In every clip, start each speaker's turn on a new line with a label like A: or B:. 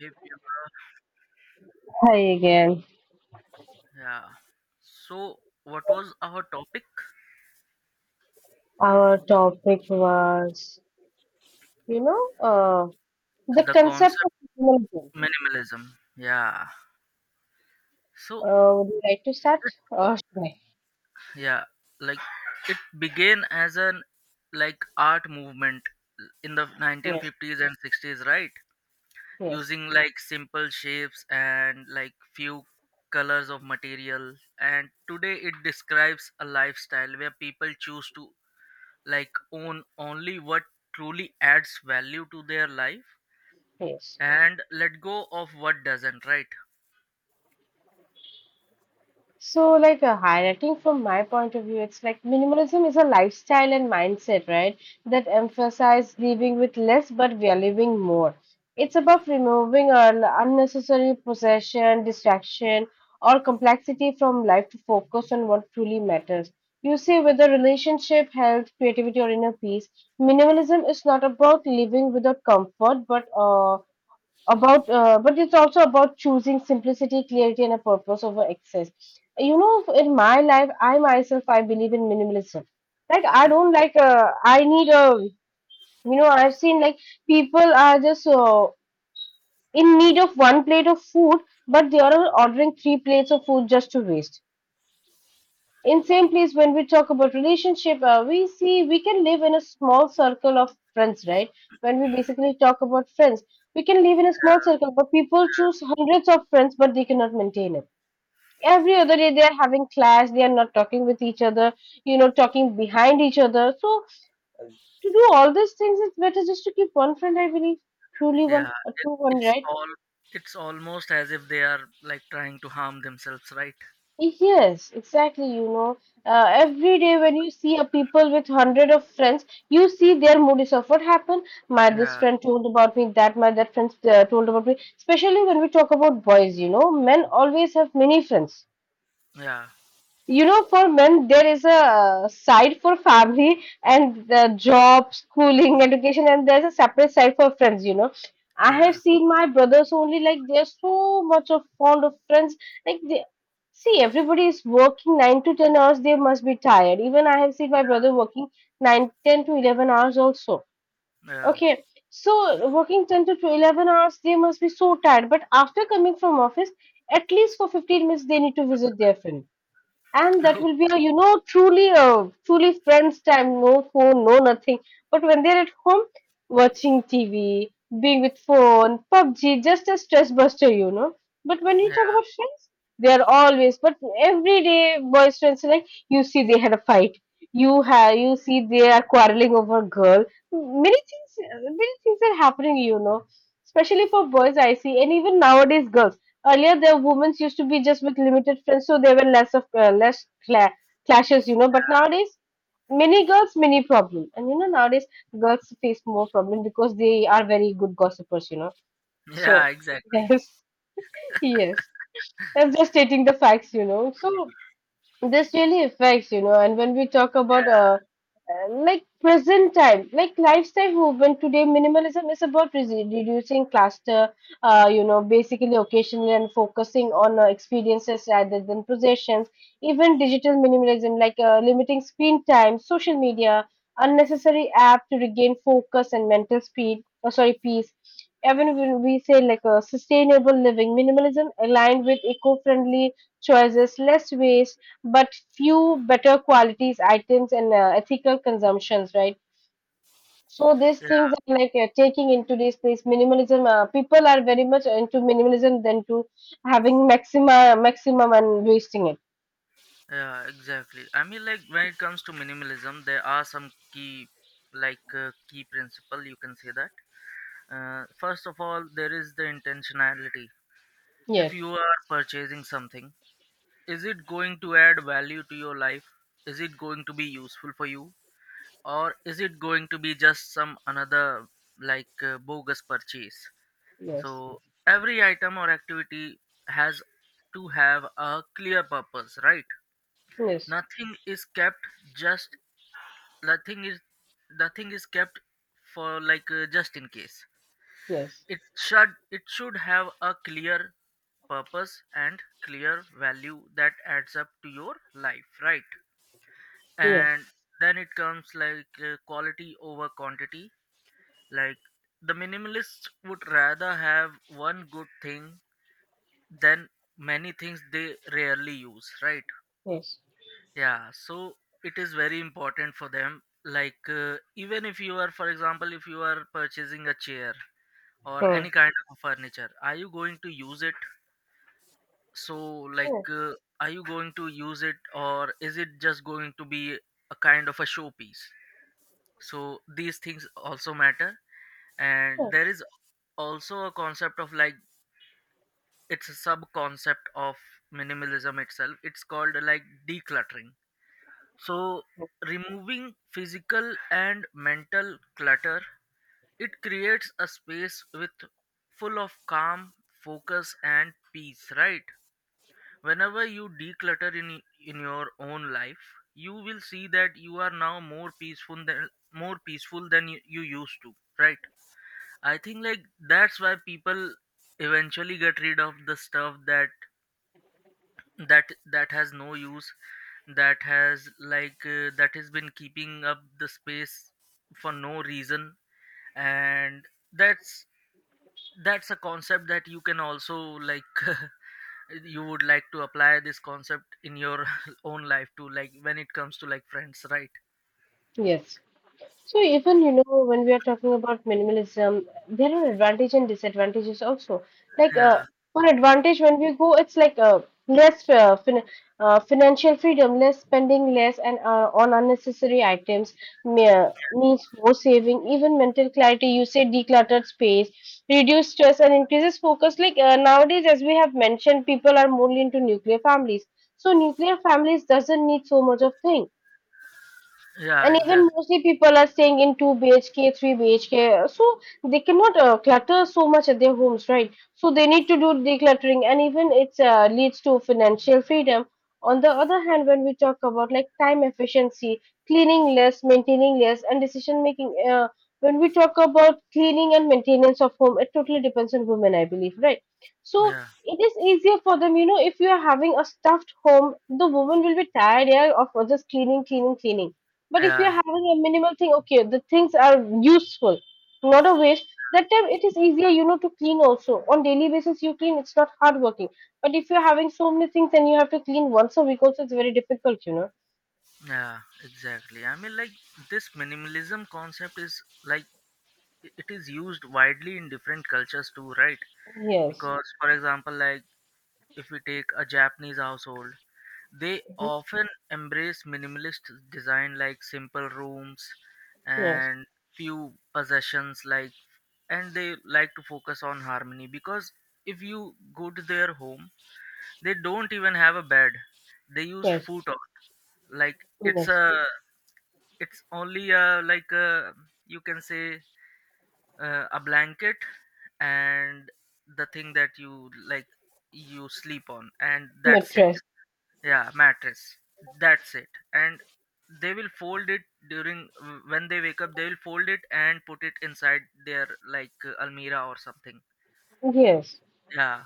A: Hey, Priyanka.
B: Hi again.
A: Yeah. So, what was our topic?
B: Our topic was, you know, uh, the
A: The
B: concept
A: concept
B: of minimalism.
A: minimalism. Yeah. So,
B: Would you like to start? Or should I?
A: yeah, like it began as an art movement in the
B: Yes,
A: 1950s and 60s, right?
B: yes,
A: Using like simple shapes and like few colors of material. And today it describes a lifestyle where people choose to like own only what truly adds value to their life
B: yes.
A: and let go of what doesn't, right?
B: So, like a hierarchy from my point of view, it's like minimalism is a lifestyle and mindset, right? That emphasize living with less, but we are living more. It's about removing all unnecessary possession, distraction, or complexity from life to focus on what truly matters. You see, whether relationship, health, creativity, or inner peace, minimalism is not about living without comfort, but it's also about choosing simplicity clarity and a purpose over excess. In my life, I myself, I believe in minimalism. Like, I
A: Okay.
B: don't like. I need a. I've seen, like, people are just in need of one plate of food, but they are ordering three plates of food just to waste in same place. When we talk about relationship, we see we can live in a small circle of friends, right? When we basically talk about friends, we can live in a small circle, but people choose hundreds of friends, but they cannot maintain it. Every other day they are having clash. They are not talking with each other, talking behind each other. So to do all these things, it's better just to keep one friend, I believe. Truly, one
A: Yeah,
B: a
A: it,
B: true one,
A: it's
B: right?
A: all it's almost as if they are like trying to harm themselves, right?
B: Yes, exactly. Every day when you see a people with hundred of friends, you see their moods of what happened. My this
A: Yeah,
B: friend told about me that my that friend told about me. Especially when we talk about boys, men always have many friends
A: yeah,
B: you know For men there is a side for family and the job schooling education, and there's a separate side for friends. I have
A: yeah,
B: seen my brothers only, like they're so much of fond of friends. Like, they see everybody is working 9 to 10 hours, they must be tired. Even I have seen my brother working 10 to 11 hours also.
A: yeah.
B: Okay, so working 10 to 12, 11 hours, they must be so tired, but after coming from office, at least for 15 minutes they need to visit their friend. And that
A: Oh,
B: will be a truly friends time. No phone, no nothing. But when they're at home watching TV, being with phone PUBG, just a stress buster, but when you talk
A: yeah,
B: about friends, they are always. But every day boys friends are like, you see they had a fight. You see they are quarreling over girl. Many things, many things are happening. Especially for boys I see, and even nowadays girls. Earlier, the women's used to be just with limited friends, so there were less clashes. But nowadays, many girls, many problem, and nowadays girls face more problem because they are very good gossipers. So
A: yeah, exactly.
B: yes, yes, I'm just stating the facts. So this really affects, and when we talk about
A: Yeah,
B: like present time, like lifestyle movement today, minimalism is about reducing cluster, basically occasionally and focusing on experiences rather than possessions. Even digital minimalism, like limiting screen time, social media, unnecessary app to regain focus and mental speed, or sorry, peace. Even when we say like a sustainable living, minimalism aligned with eco-friendly choices, less waste but few better qualities items, and ethical consumptions, right? So these
A: yeah,
B: things are like taking into this place. Minimalism, people are very much into minimalism than to having maxima maximum and wasting it.
A: yeah, exactly. I mean, like when it comes to minimalism there are some key key principle, you can say that. First of all, there is the intentionality. If
B: Yes,
A: you are purchasing something, is it going to add value to your life? Is it going to be useful for you? Or is it going to be just some another bogus purchase? So
B: yes,
A: every item or activity has to have a clear purpose, right?
B: yes,
A: Nothing is kept just nothing is Nothing is kept for just in case.
B: yes,
A: It should have a clear purpose and clear value that adds up to your life, right?
B: yes,
A: And then it comes like quality over quantity. Like the minimalists would rather have one good thing than many things they rarely use, right?
B: yes.
A: Yeah, so it is very important for them, like even if you are, for example, if you are purchasing a chair or
B: Hmm.
A: any kind of furniture, are you going to use it? So
B: Yes,
A: like
B: yes,
A: uh, are you going to use it, or is it just going to be a kind of a showpiece? So these things also matter. And there is also a concept of like, it's a sub concept of minimalism itself, it's called like decluttering. So removing physical and mental clutter, it creates a space with full of calm, focus and peace, right? Whenever you declutter in your own life, you will see that you are now more peaceful than you used to, right? I think like that's why people eventually get rid of the stuff that that has no use, that has that has been keeping up the space for no reason. And that's that's a concept that you can also like, you would like to apply this concept in your own life too, like when it comes to like friends, right?
B: yes. So even when we are talking about minimalism, there are advantages and disadvantages also. Like,
A: Yeah,
B: for advantage, when we go, it's like, less, financial freedom, less spending, less, and on unnecessary items, means more saving, even mental clarity. You say decluttered space, reduce stress and increases focus. Like, nowadays, as we have mentioned, people are more into nuclear families. So nuclear families doesn't need so much of thing,
A: yeah,
B: and even
A: exactly.
B: mostly people are staying in 2 BHK, 3 BHK, so they cannot clutter so much at their homes, right? So they need to do decluttering, and even it leads to financial freedom. On the other hand, when we talk about like time efficiency, cleaning less, maintaining less, and decision making, when we talk about cleaning and maintenance of home, it totally depends on women, I believe, right? So
A: Yeah,
B: it is easier for them, if you are having a stuffed home, the woman will be tired, yeah, of just cleaning, cleaning, cleaning. But if you're
A: yeah.
B: having a minimal thing, okay, the things are useful, not a waste. That time it is easier, to clean also. On daily basis, you clean, it's not hard working. But if you're having so many things and you have to clean once a week also, it's very difficult.
A: Yeah, exactly. I mean, like this minimalism concept is like it is used widely in different cultures too, right?
B: Yes.
A: Because, for example, like if we take a Japanese household, they
B: Mhm.
A: often embrace minimalist design, like simple rooms
B: Yes.
A: and few possessions, like, and they like to focus on harmony. Because if you go to their home, they don't even have a bed. They use
B: Yes.
A: futon, like it's
B: Yes.
A: a it's only you can say a blanket and the thing that you like you sleep on, and that's it.
B: Mattress.
A: Yeah, mattress, that's it. And they will fold it during, when they wake up they will fold it and put it inside their like almira or something.
B: Yes.
A: Yeah,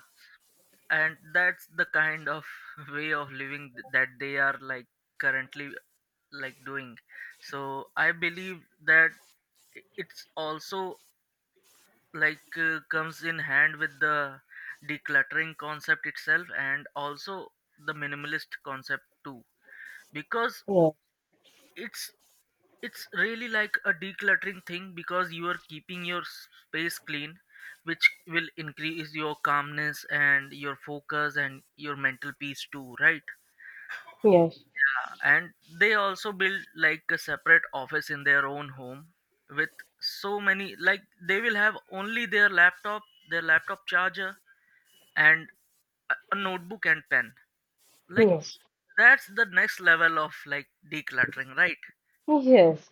A: and that's the kind of way of living that they are like currently like doing. So I believe that it's also like comes in hand with the decluttering concept itself, and also the minimalist concept too, because
B: Yes.
A: it's it's really like a decluttering thing, because you are keeping your space clean, which will increase your calmness and your focus and your mental peace too, right?
B: Yes.
A: And they also build like a separate office in their own home with so many like, they will have only their laptop, their laptop charger, and a notebook and pen, like
B: Yes.
A: that's the next level of like decluttering, right?
B: Yes.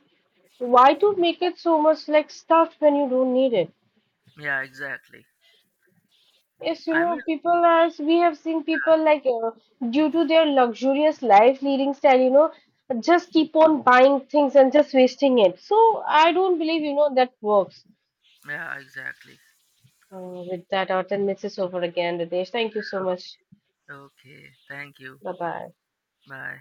B: Why to make it so much like stuff when you don't need it?
A: Yeah, exactly.
B: Yes,
A: I mean,
B: people are, we have seen people like, due to their luxurious life leading style, just keep on buying things and just wasting it. So I don't believe, that works.
A: yeah, exactly.
B: With that, our 10 minutes is over again, Ritesh. Thank you so much.
A: Okay, thank you,
B: Bye bye.
A: bye.